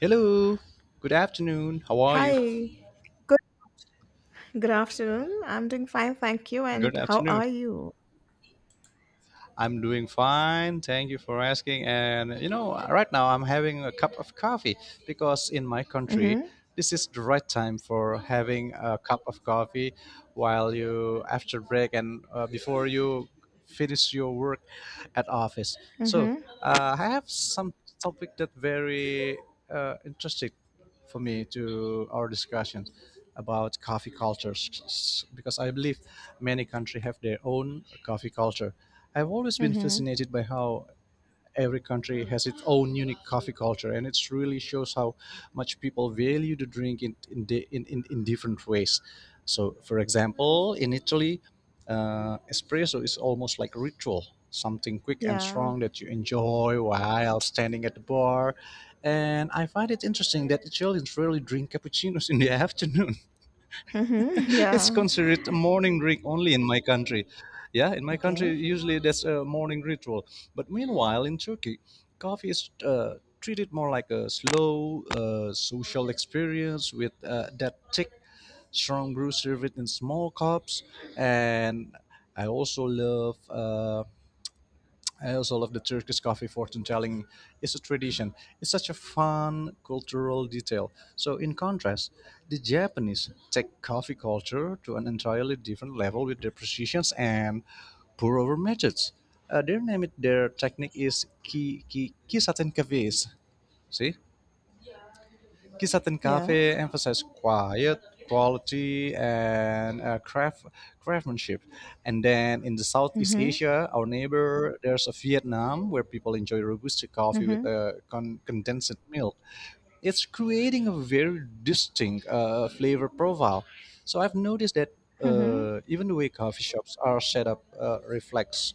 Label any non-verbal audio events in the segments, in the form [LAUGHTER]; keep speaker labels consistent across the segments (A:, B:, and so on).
A: Hello. Good afternoon. How are you?
B: Hi, good good afternoon. I'm doing fine, thank you.
A: Good
B: And how
A: afternoon.
B: are you?
A: I'm doing fine. Thank you for asking. And you know, right now I'm having a cup of coffee because in my country,
B: Mm-hmm.
A: this is the right time for having a cup of coffee while you after break and before you finish your work at office. So
B: Mm-hmm.
A: I have some topic that very interesting for me to our discussion about coffee cultures because I believe many countries have their own coffee culture. I've always been
B: Mm-hmm.
A: fascinated by how every country has its own unique coffee culture, and it really shows how much people value the drink in di- in different ways. So, for example, in Italy, espresso is almost like ritual, something quick and
B: Yeah.
A: strong that you enjoy while standing at the bar. And I find it interesting that Italians rarely drink cappuccinos in the [LAUGHS] afternoon.
B: Mm-hmm. [LAUGHS]
A: [LAUGHS] It's
B: Yeah.
A: considered a morning drink only in my country. Yeah, in my country,
B: Okay.
A: usually that's a morning ritual. But meanwhile, in Turkey, coffee is treated more like a slow social experience with that thick, strong brew served in small cups. And I also love. I also love the Turkish coffee fortune telling. It's a tradition. It's such a fun cultural detail. So in contrast, the Japanese take coffee culture to an entirely different level with their precisions and pour over methods. Their technique is kisaten cafes. See? Kisaten
B: Yeah.
A: Cafe emphasized quiet, quality, and craftsmanship. And then in the Southeast
B: Mm-hmm.
A: Asia, our neighbor, there's a Vietnam where people enjoy Robusta coffee with
B: Mm-hmm.
A: condensed milk, it's creating a very distinct flavor profile. So I've noticed that
B: Mm-hmm.
A: even the way coffee shops are set up reflects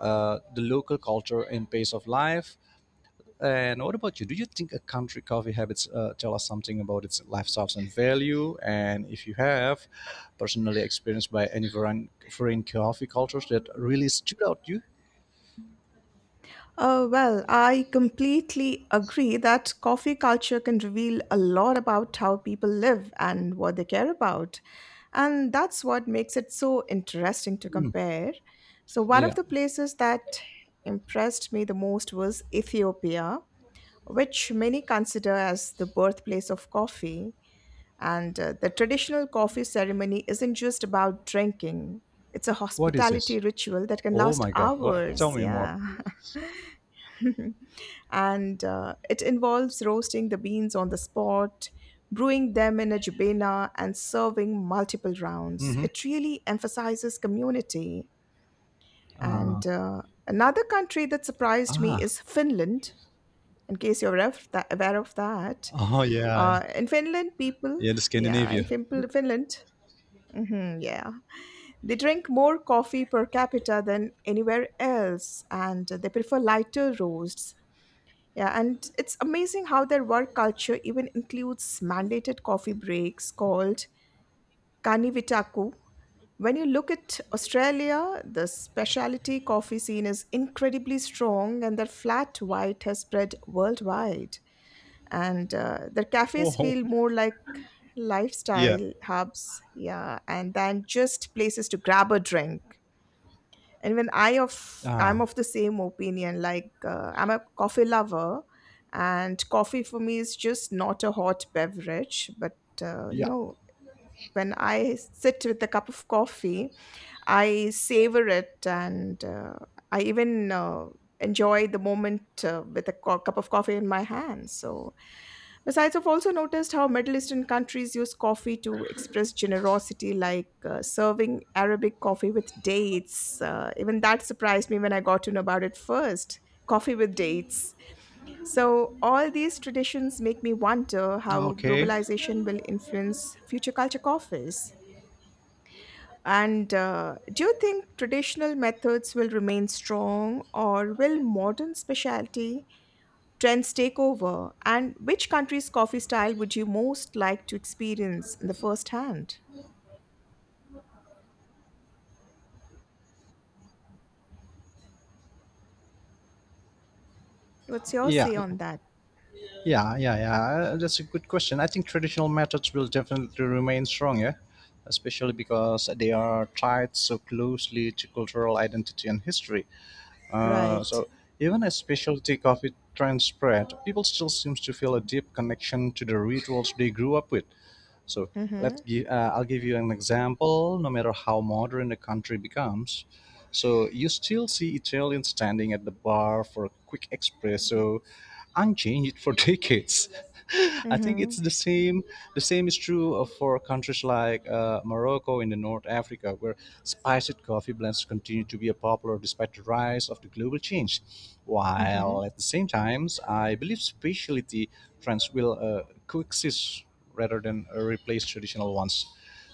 A: the local culture and pace of life. And what about you? Do you think a country coffee habits tell us something about its lifestyles and value? And if you have personally experienced by any foreign coffee cultures that really stood out to you?
B: Oh, well, I completely agree that coffee culture can reveal a lot about how people live and what they care about. And that's what makes it so interesting to
A: Hmm.
B: compare. So, one of
A: Yeah.
B: the places that impressed me the most was Ethiopia, which many consider as the birthplace of coffee. And the traditional coffee ceremony isn't just about drinking, it's a
A: What is this?
B: hospitality ritual that can
A: Oh
B: last
A: my God. What? Tell
B: hours.
A: me more.
B: Yeah. [LAUGHS] And it involves roasting the beans on the spot, brewing them in a jubena, and serving multiple rounds.
A: Mm-hmm.
B: It really emphasizes community.
A: Uh,
B: And another country that surprised me
A: ah.
B: is Finland, in case you're aware of that.
A: Oh yeah.
B: In Finland, people,
A: Yeah. The
B: yeah,
A: Scandinavia.
B: in Finland, mhm, yeah, they drink more coffee per capita than anywhere else, and they prefer lighter roasts. Yeah, and it's amazing how their work culture even includes mandated coffee breaks called kanivitaku. When you look at Australia, the specialty coffee scene is incredibly strong, and their flat white has spread worldwide. And the cafes
A: Whoa.
B: feel more like
A: Yeah.
B: lifestyle hubs, yeah, and than just places to grab a drink. And when i of
A: Ah.
B: I'm of the same opinion. I'm a coffee lover, and coffee for me is just not a hot beverage, but uh, you
A: Yeah.
B: know when I sit with a cup of coffee, I savor it, and I even enjoy the moment with a cup of coffee in my hand. So, besides, I've also noticed how Middle Eastern countries use coffee to express generosity, like serving Arabic coffee with dates. Even that surprised me when I got to know about it first, coffee with dates. So, all these traditions make me wonder how
A: Okay.
B: globalization will influence future culture coffees. And do you think traditional methods will remain strong, or will modern specialty trends take over? And which country's coffee style would you most like to experience in the first hand? What's your
A: Yeah.
B: say on that?
A: Yeah, yeah, yeah. That's a good question. I think traditional methods will definitely remain strong, yeah, especially because they are tied so closely to cultural identity and history. Uh,
B: Right.
A: so even as specialty coffee trends spread, people still seems to feel a deep connection to the rituals they grew up with. So
B: Mm-hmm.
A: I'll give you an example. No matter how modern the country becomes, so you still see Italians standing at the bar for a quick espresso, unchanged for [LAUGHS] decades. I think it's
B: Mm-hmm.
A: the same. The same is true for countries like Morocco in the North Africa, where spiced coffee blends continue to be a popular despite the rise of the global change.
B: Mm-hmm.
A: While at the same times, I believe specialty trends will coexist rather than replace traditional ones.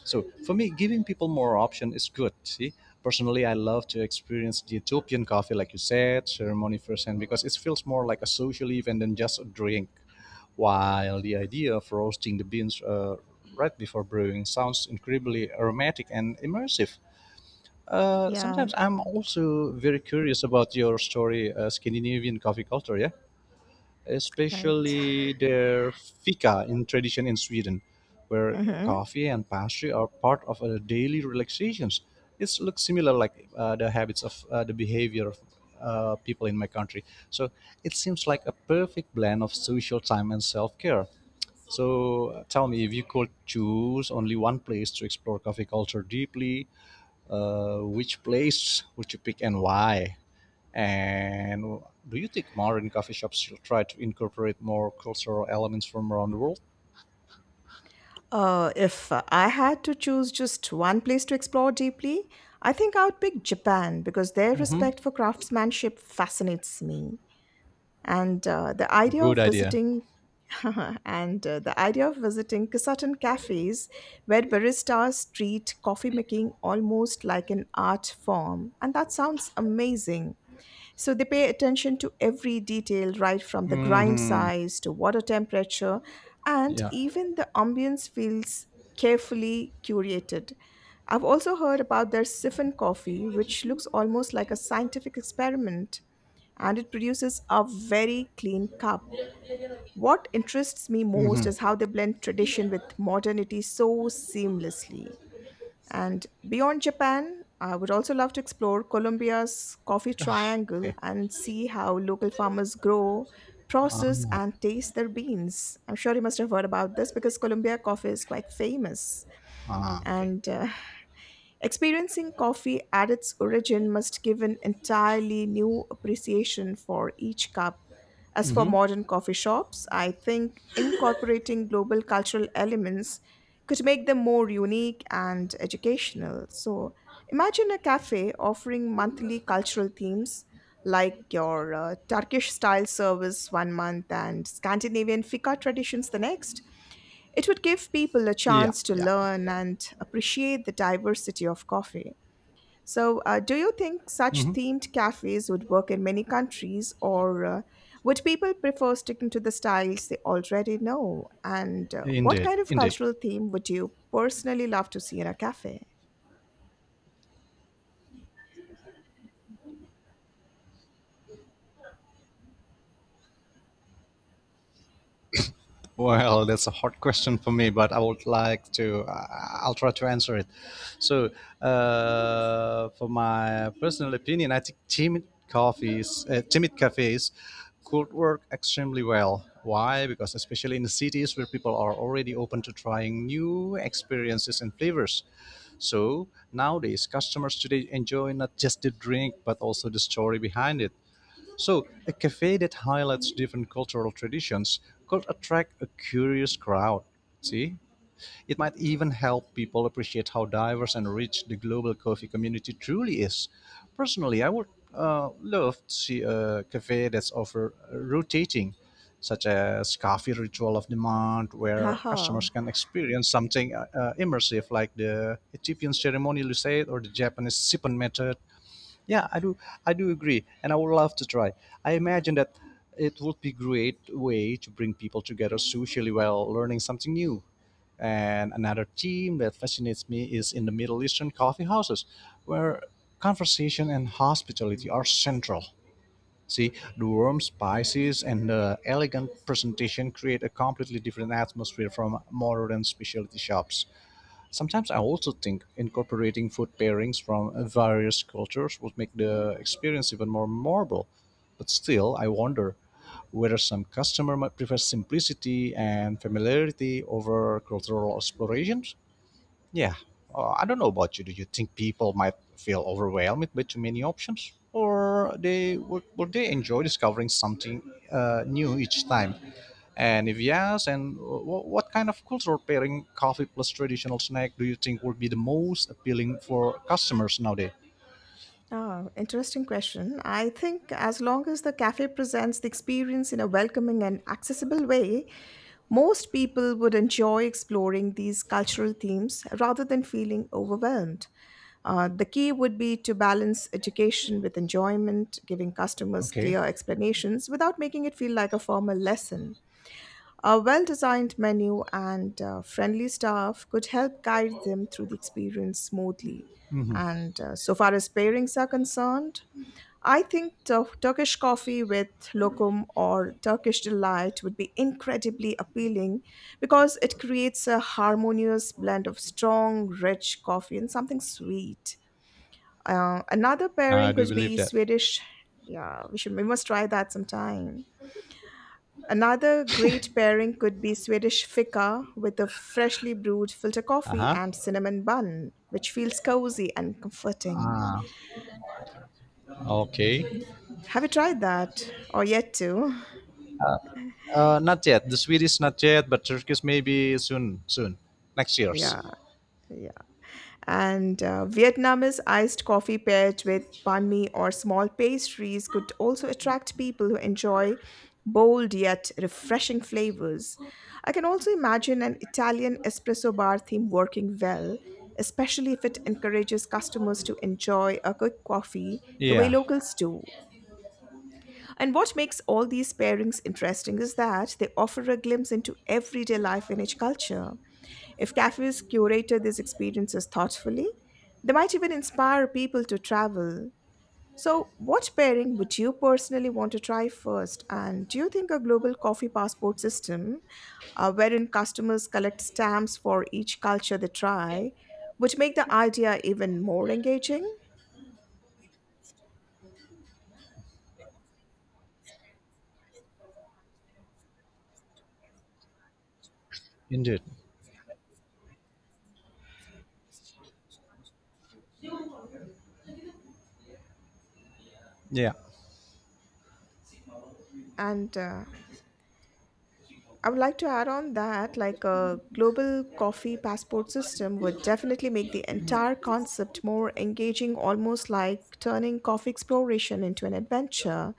A: So for me, giving people more option is good. See, personally, I love to experience the Ethiopian coffee, like you said, ceremony firsthand because it feels more like a social event than just a drink. While the idea of roasting the beans right before brewing sounds incredibly aromatic and immersive. Sometimes
B: Yeah.
A: I'm also very curious about your story, Scandinavian coffee culture. Yeah,
B: Right.
A: especially their fika in tradition in Sweden, where
B: Mm-hmm.
A: coffee and pastry are part of daily relaxations. It looks similar like the habits of the behavior of people in my country. So it seems like a perfect blend of social time and self-care. So tell me if you could choose only one place to explore coffee culture deeply, which place would you pick and why? And do you think modern coffee shops should try to incorporate more cultural elements from around the world?
B: If I had to choose just one place to explore deeply, I think I would pick Japan because their
A: Mm-hmm.
B: respect for craftsmanship fascinates me. And the idea
A: Good
B: of
A: idea.
B: visiting [LAUGHS] And the idea of visiting certain cafes where baristas treat coffee making almost like an art form, and that sounds amazing. So they pay attention to every detail, right from the grind
A: Mm-hmm.
B: size to water temperature, and
A: Yeah.
B: even the ambience feels carefully curated. I've also heard about their siphon coffee, which looks almost like a scientific experiment, and it produces a very clean cup. What interests me most
A: Mm-hmm.
B: is how they blend tradition with modernity so seamlessly. And beyond Japan, I would also love to explore Colombia's coffee triangle
A: Okay.
B: and see how local farmers grow, process,
A: Ah,
B: and taste their beans. I'm sure you must have heard about this because Colombia coffee is quite famous.
A: ah, okay.
B: And experiencing coffee at its origin must give an entirely new appreciation for each cup. As for
A: Mm-hmm.
B: modern coffee shops, I think incorporating global cultural elements could make them more unique and educational. So imagine a cafe offering monthly cultural themes, like your Turkish style service one month and Scandinavian fika traditions the next. It would give people a
A: Yeah.
B: chance to
A: Yeah.
B: learn and appreciate the diversity of coffee. So, do you think such
A: Mm-hmm.
B: themed cafes would work in many countries, or would people prefer sticking to the styles they already know? And what
A: Indeed.
B: kind of
A: Indeed.
B: cultural theme would you personally love to see in a cafe?
A: Well, that's a hard question for me, but I would like to. I'll try to answer it. So, for my personal opinion, I think timid cafes, could work extremely well. Why? Because especially in the cities where people are already open to trying new experiences and flavors. So nowadays, customers today enjoy not just the drink but also the story behind it. So, a cafe that highlights different cultural traditions could attract a curious crowd. See? It might even help people appreciate how diverse and rich the global coffee community truly is. Personally, I would love to see a cafe that's offer rotating, such as coffee ritual of the month, where
B: Haha.
A: customers can experience something immersive like the Ethiopian ceremony, you said, or the Japanese sipping method. Yeah, I do. I do agree, and I would love to try. I imagine that it would be great way to bring people together socially while learning something new. And another theme that fascinates me is in the Middle Eastern coffee houses, where conversation and hospitality are central. See, the warm spices and the elegant presentation create a completely different atmosphere from modern specialty shops. Sometimes I also think incorporating food pairings from various cultures would make the experience even more memorable. But still, I wonder whether some customer might prefer simplicity and familiarity over cultural exploration. Yeah. I don't know about you. Do you think people might feel overwhelmed with too many options? Or would they enjoy discovering something new each time? And if yes, what kind of culture pairing coffee plus traditional snack do you think would be the most appealing for customers nowadays?
B: Ah, interesting question. I think as long as the cafe presents the experience in a welcoming and accessible way, most people would enjoy exploring these cultural themes rather than feeling overwhelmed. The key would be to balance education with enjoyment, giving customers
A: Okay.
B: clear explanations without making it feel like a formal lesson. A well designed menu and friendly staff could help guide them through the experience smoothly.
A: Mm-hmm.
B: And so far as pairings are concerned, I think Turkish coffee with lokum or Turkish delight would be incredibly appealing because it creates a harmonious blend of strong, rich coffee and something sweet. Another
A: I
B: pairing
A: do
B: could
A: believe
B: be
A: that.
B: Swedish. Yeah, we must try that sometime. Another great pairing could be Swedish fika with a freshly brewed filter coffee
A: Uh-huh.
B: and cinnamon bun, which feels cozy and comforting.
A: Ah, okay.
B: Have you tried that? Or yet to? [LAUGHS]
A: Not yet. The Swedish not yet, but Turkish maybe soon. Next year's.
B: Yeah, yeah. And Vietnamese iced coffee paired with banh mi or small pastries could also attract people who enjoy bold yet refreshing flavors. I can also imagine an Italian espresso bar theme working well, especially if it encourages customers to enjoy a quick coffee the way
A: Yeah,
B: locals do. And what makes all these pairings interesting is that they offer a glimpse into everyday life in each culture. If cafes curated these experiences thoughtfully, they might even inspire people to travel. So, what pairing would you personally want to try first? And do you think a global coffee passport system, wherein customers collect stamps for each culture they try, would make the idea even more engaging?
A: indeed. Yeah.
B: And I would like to add on that, like a global coffee passport system would definitely make the entire concept more engaging, almost like turning coffee exploration into an adventure.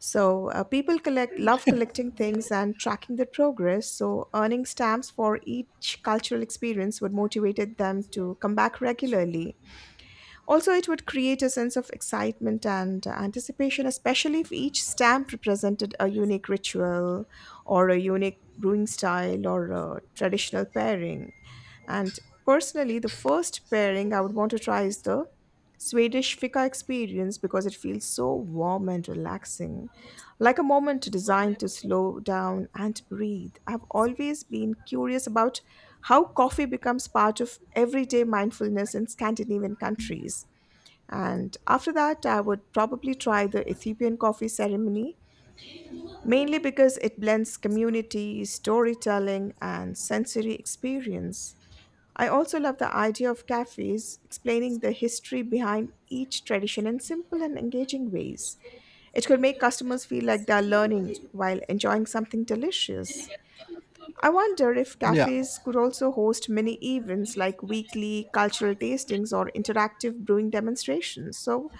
B: So people collect love collecting things and tracking their progress. So earning stamps for each cultural experience would motivated them to come back regularly. Also, it would create a sense of excitement and anticipation, especially if each stamp represented a unique ritual or a unique brewing style or a traditional pairing. And personally, the first pairing I would want to try is the Swedish fika experience because it feels so warm and relaxing, like a moment designed to slow down and breathe. I've always been curious about how coffee becomes part of everyday mindfulness in Scandinavian countries. And after that, I would probably try the Ethiopian coffee ceremony, mainly because it blends community, storytelling, and sensory experience. I also love the idea of cafes explaining the history behind each tradition in simple and engaging ways. It could make customers feel like they're learning while enjoying something delicious. I wonder if
A: Yeah.
B: cafes could also host mini events like weekly cultural tastings or interactive brewing demonstrations. So,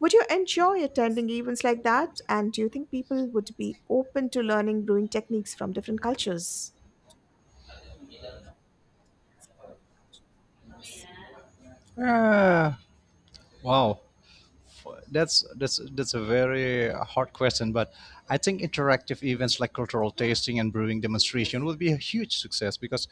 B: would you enjoy attending events like that? And do you think people would be open to learning brewing techniques from different cultures?
A: Uh, wow. That's a very hard question, but I think interactive events like cultural tasting and brewing demonstration would be a huge success because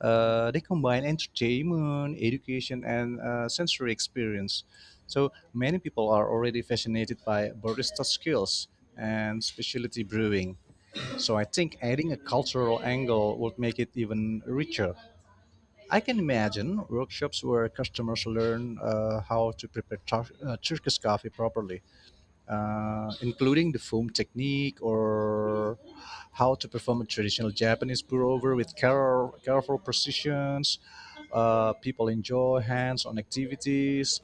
A: they combine entertainment, education, and sensory experience. So many people are already fascinated by barista skills and specialty brewing. So I think adding a cultural angle would make it even richer. I can imagine workshops where customers learn how to prepare Turkish coffee properly, including the foam technique or how to perform a traditional Japanese pour over with careful precisions. People enjoy hands on activities.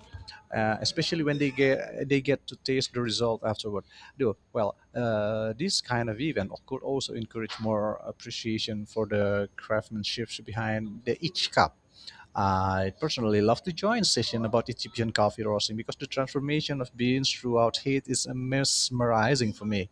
A: Especially when they get to taste the result afterward. Though, well, this kind of event could also encourage more appreciation for the craftsmanship behind the each cup. I personally love to join session about Egyptian coffee roasting because the transformation of beans throughout heat is mesmerizing for me.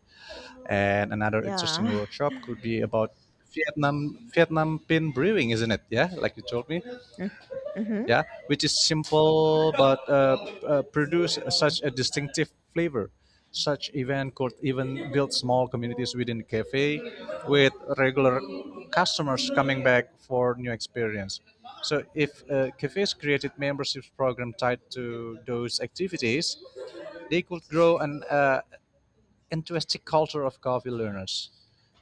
A: And another interesting
B: Yeah.
A: workshop could be about Vietnam pin brewing, isn't it? Yeah, like you told me,
B: [LAUGHS] Mm-hmm.
A: yeah, which is simple but produce such a distinctive flavor. Such event could even build small communities within the cafe with regular customers coming back for new experience. So if cafes created membership program tied to those activities, they could grow and interesting culture of coffee learners.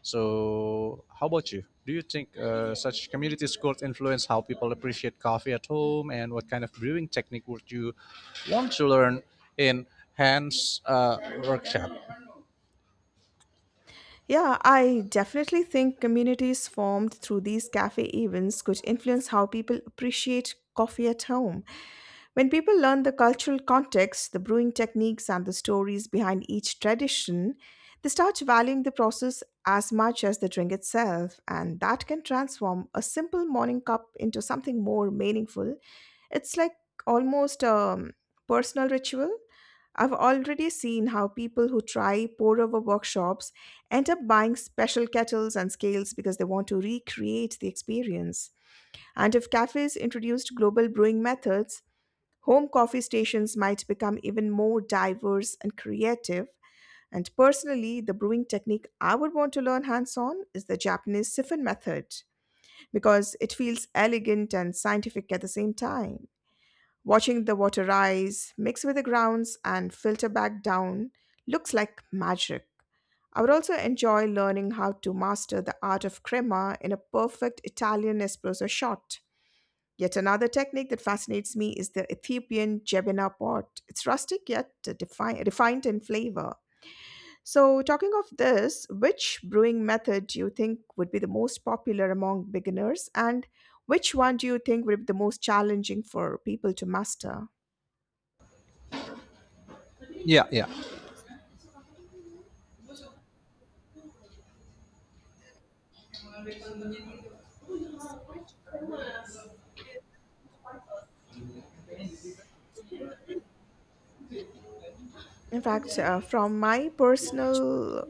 A: So, how about you? Do you think such communities could influence how people appreciate coffee at home, and what kind of brewing technique would you want to learn in Hans' workshop?
B: Yeah, I definitely think communities formed through these cafe events could influence how people appreciate coffee at home. When people learn the cultural context, the brewing techniques, and the stories behind each tradition, they start valuing the process as much as the drink itself, and that can transform a simple morning cup into something more meaningful. It's like almost a personal ritual. I've already seen how people who try pour over workshops end up buying special kettles and scales because they want to recreate the experience. And if cafes introduced global brewing methods, home coffee stations might become even more diverse and creative. And personally, the brewing technique I would want to learn hands on is the Japanese siphon method because it feels elegant and scientific at the same time. Watching the water rise, mix with the grounds, and filter back down looks like magic. I would also enjoy learning how to master the art of crema in a perfect Italian espresso shot. Yet another technique that fascinates me is the Ethiopian jebena pot. It's rustic yet refined in flavor. So, talking of this, which brewing method do you think would be the most popular among beginners, and which one do you think would be the most challenging for people to master?
A: Yeah, yeah,
B: In fact, from my personal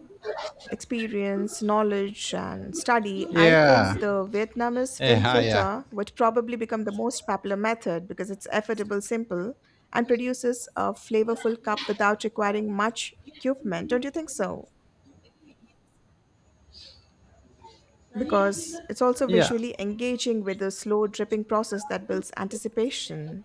B: experience, knowledge, and study, I
A: yeah,
B: think the Vietnamese fin
A: yeah,
B: filter would probably become the most popular method because it's affordable, simple, and produces a flavorful cup without requiring much equipment. Don't you think so? Because it's also
A: yeah, yeah.
B: visually engaging with the slow dripping process that builds anticipation.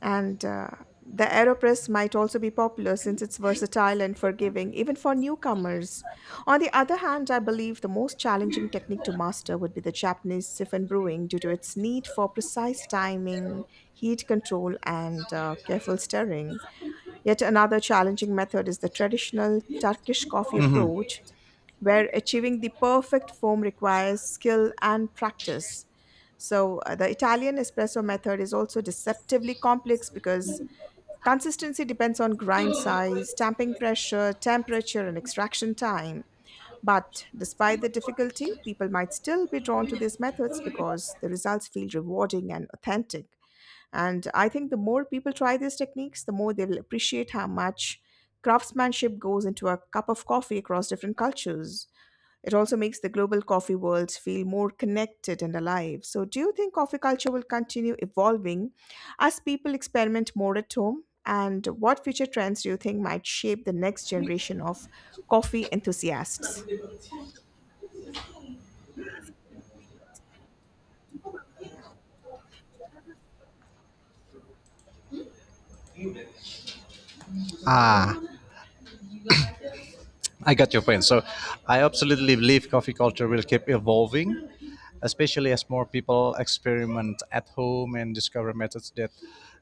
B: And the AeroPress might also be popular since it's versatile and forgiving, even for newcomers. On the other hand, I believe the most challenging technique to master would be the Japanese siphon brewing due to its need for precise timing, heat control, and careful stirring. Yet another challenging method is the traditional Turkish coffee
A: Mhm.
B: approach, where achieving the perfect foam requires skill and practice. So, the Italian espresso method is also deceptively complex because consistency depends on grind size, stamping pressure, temperature, and extraction time. But despite the difficulty, people might still be drawn to these methods because the results feel rewarding and authentic. And I think the more people try these techniques, the more they will appreciate how much craftsmanship goes into a cup of coffee across different cultures. It also makes the global coffee worlds feel more connected and alive. So, do you think coffee culture will continue evolving as people experiment more at home? And what future trends do you think might shape the next generation of coffee enthusiasts?
A: Ah, I got your point. So I absolutely believe coffee culture will keep evolving, especially as more people experiment at home and discover methods that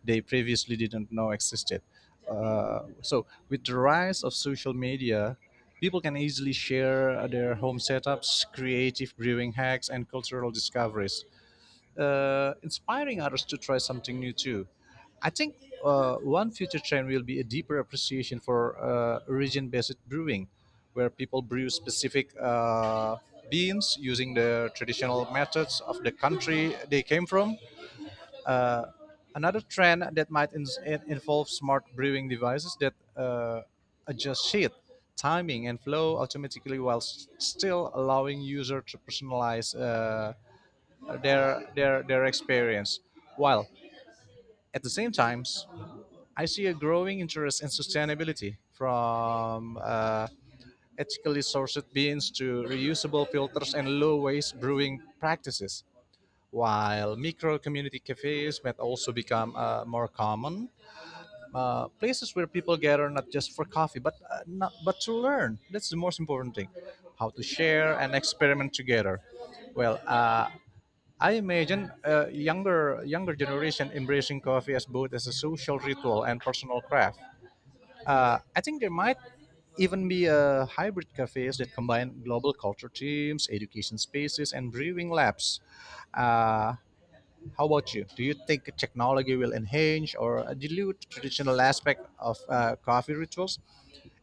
A: they previously didn't know existed. So with the rise of social media, people can easily share their home setups, creative brewing hacks, and cultural discoveries, inspiring others to try something new too. I think one future trend will be a deeper appreciation for origin based brewing, where people brew specific beans using the traditional methods of the country they came from. Another trend that might involve smart brewing devices that adjust heat, timing, and flow automatically while still allowing user to personalize their experience. While at the same time, I see a growing interest in sustainability from ethically sourced beans to reusable filters and low waste brewing practices. While micro community cafes might also become more common, places where people gather not just for coffee but not, but to learn. That's the most important thing, how to share and experiment together. Well, I imagine a younger generation embracing coffee as both as a social ritual and personal craft. I think there might even be a hybrid cafes that combine global culture teams, education spaces, and brewing labs. Uh, how about you? Do you think technology will enhance or dilute traditional aspect of coffee rituals?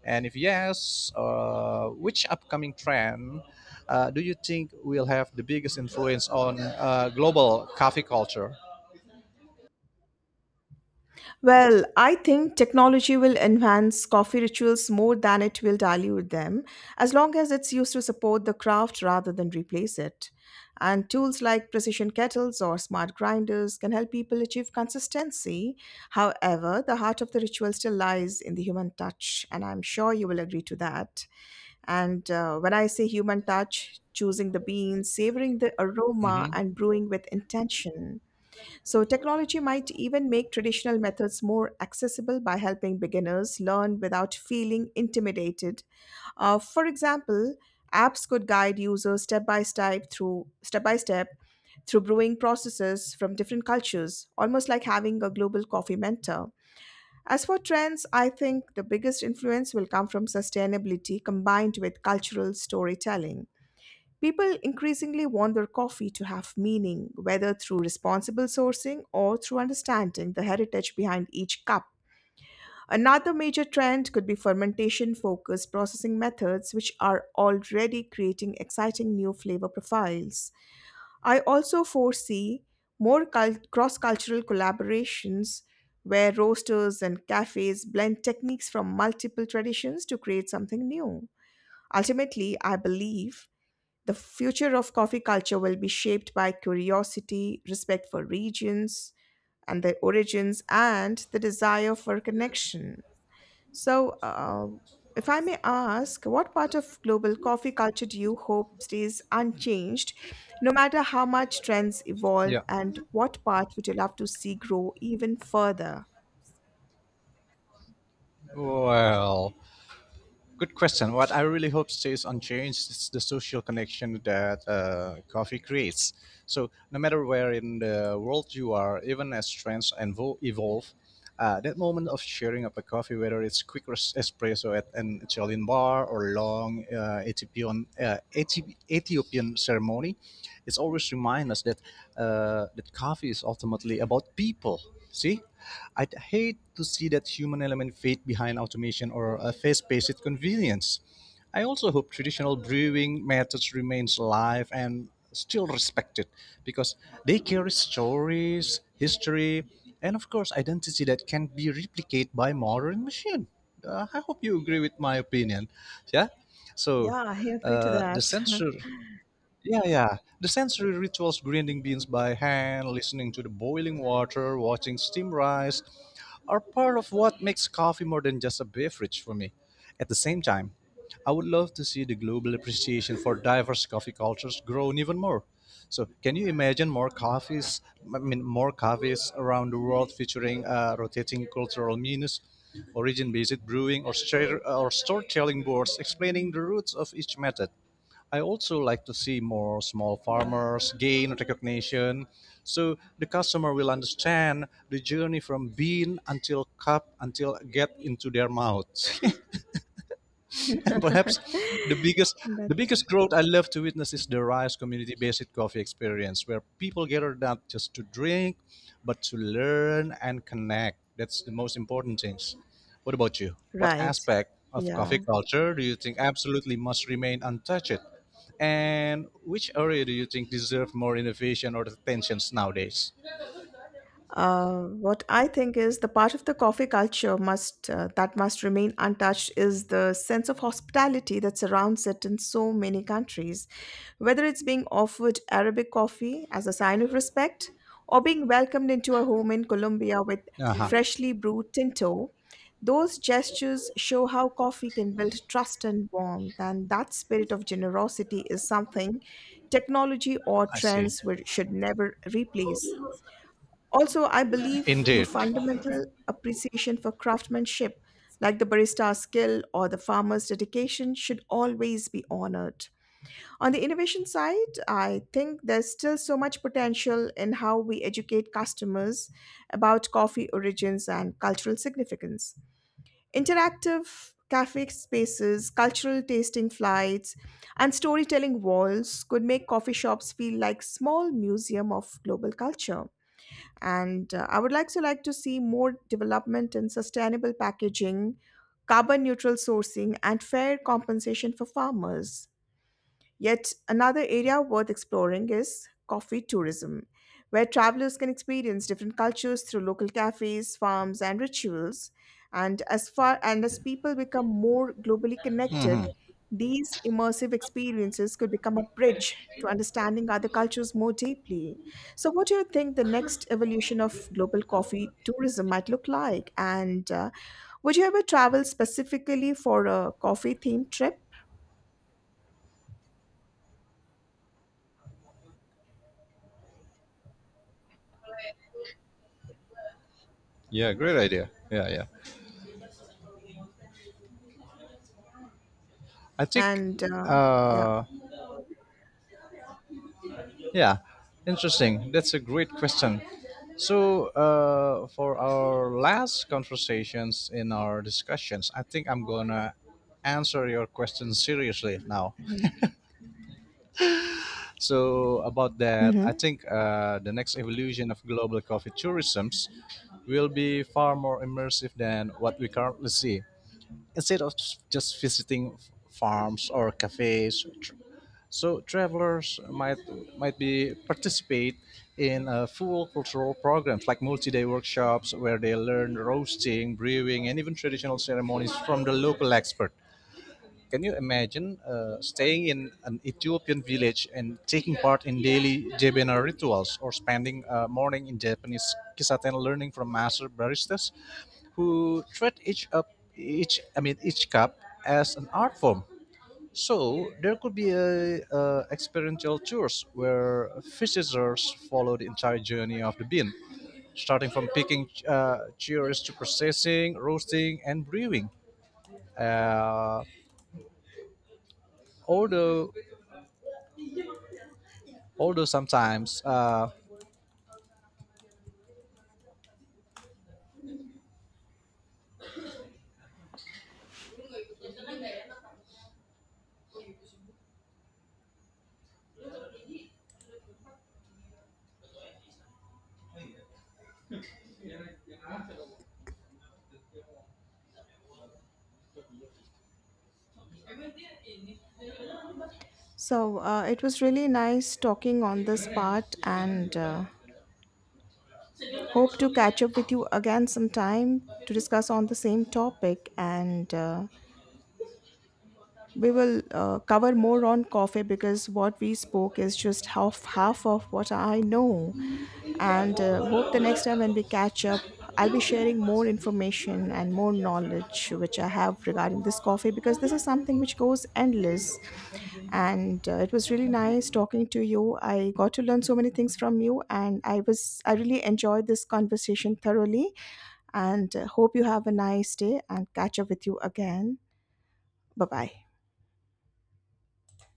A: And if yes, which upcoming trend do you think will have the biggest influence on global coffee culture?
B: Well, I think technology will enhance coffee rituals more than it will dilute them, as long as it's used to support the craft rather than replace it. And tools like precision kettles or smart grinders can help people achieve consistency. However, the heart of the ritual still lies in the human touch, and I'm sure you will agree to that. And when I say human touch, choosing the beans, savoring the aroma,
A: Hmm.
B: and brewing with intention. So, technology might even make traditional methods more accessible by helping beginners learn without feeling intimidated. For example, apps could guide users step by step through brewing processes from different cultures, almost like having a global coffee mentor. As for trends, I think the biggest influence will come from sustainability combined with cultural storytelling. People increasingly want their coffee to have meaning, whether through responsible sourcing or through understanding the heritage behind each cup. Another major trend could be fermentation focused processing methods, which are already creating exciting new flavor profiles. I also foresee more cross cultural collaborations where roasters and cafes blend techniques from multiple traditions to create something new. Ultimately, I believe the future of coffee culture will be shaped by curiosity, respect for regions and their origins, and the desire for connection. So, if I may ask, what part of global coffee culture do you hope stays unchanged, no matter how much trends evolve,
A: Yeah.
B: and what part would you love to see grow even further?
A: Well, good question. What I really hope stays unchanged is the social connection that coffee creates. So, no matter where in the world you are, even as trends evolve, that moment of sharing up a coffee, whether it's quick espresso at an Italian bar or long Ethiopian ceremony, it's always remind us that that coffee is ultimately about people. See, I'd hate to see that human element fade behind automation or a fast-paced convenience. I also hope traditional brewing methods remains alive and still respected because they carry stories, history, and of course identity that can be replicated by modern machine. I hope you agree with my opinion. Yeah. So
B: Yeah, I agree to
A: uh, the
B: that.
A: censor yeah. The sensory rituals grinding beans by hand, listening to the boiling water, watching steam rise are part of what makes coffee more than just a beverage for me. At the same time, I would love to see the global appreciation for diverse coffee cultures grow even more. So, can you imagine I mean, more cafes around the world featuring rotating cultural menus, origin-based brewing, or storytelling boards explaining the roots of each method? I also like to see more small farmers gain recognition so the customer will understand the journey from bean until cup until get into their mouth. [LAUGHS] [LAUGHS] And perhaps the
B: [LAUGHS]
A: biggest the
B: That's
A: biggest growth I love to witness is the Rise community based coffee experience where people gather not just to drink but to learn and connect. That's the most important things. What about you? What
B: right.
A: aspect of
B: Yeah.
A: coffee culture do you think absolutely must remain untouched? And which area do you think deserve more innovation or attentions nowadays?
B: What I think is the part of the coffee culture must that must remain untouched is the sense of hospitality that surrounds it in so many countries. Whether it's being offered Arabic coffee as a sign of respect or being welcomed into a home in Colombia with
A: Uh-huh.
B: freshly brewed tinto, those gestures show how coffee can build trust and warmth, and that spirit of generosity is something technology or
A: I see.
B: should never replace. Also, I believe the
A: Indeed.
B: fundamental appreciation for craftsmanship, like the barista's skill or the farmer's dedication, should always be honored. On the innovation side, I think there's still so much potential in how we educate customers about coffee origins and cultural significance. Interactive cafe spaces, cultural tasting flights, and storytelling walls could make coffee shops feel like small museum of global culture, and I would like to see more development in sustainable packaging, carbon neutral sourcing, and fair compensation for farmers. Yet another area worth exploring is coffee tourism, where travelers can experience different cultures through local cafes, farms, and rituals. And as far and as people become more globally connected, these immersive experiences could become a bridge to understanding other cultures more deeply. So, what do you think the next evolution of global coffee tourism might look like? And would you ever travel specifically for a coffee themed trip?
A: Yeah, great idea. Yeah, yeah. I think
B: And yeah.
A: uh, Yeah, interesting. That's a great question. So, for our last conversations in our discussions, I think I'm gonna answer your question seriously now. So, about that, I
B: hmm
A: think the next evolution of global coffee tourisms will be far more immersive than what we currently see. Instead of just visiting farms or cafes, so travelers might be participate in full cultural programs like multi-day workshops where they learn roasting, brewing, and even traditional ceremonies from the local expert. Can you imagine staying in an Ethiopian village and taking part in daily Jebena rituals, or spending a morning in Japanese kisaten learning from master baristas, who treat each up each I mean each cup as an art form? So there could be a experiential tours where visitors follow the entire journey of the bean, starting from picking cherries to processing, roasting, and brewing. Uh, although although sometimes
B: So, it was really nice talking on this part, and hope to catch up with you again sometime to discuss on the same topic. And we will cover more on coffee, because what we spoke is just half of what I know. And hope the next time when we catch up, I'll be sharing more information and more knowledge which I have regarding this coffee, because this is something which goes endless. And it was really nice talking to you. I got to learn so many things from you, and I really enjoyed this conversation thoroughly. And hope you have a nice day and catch up with you again. Bye bye.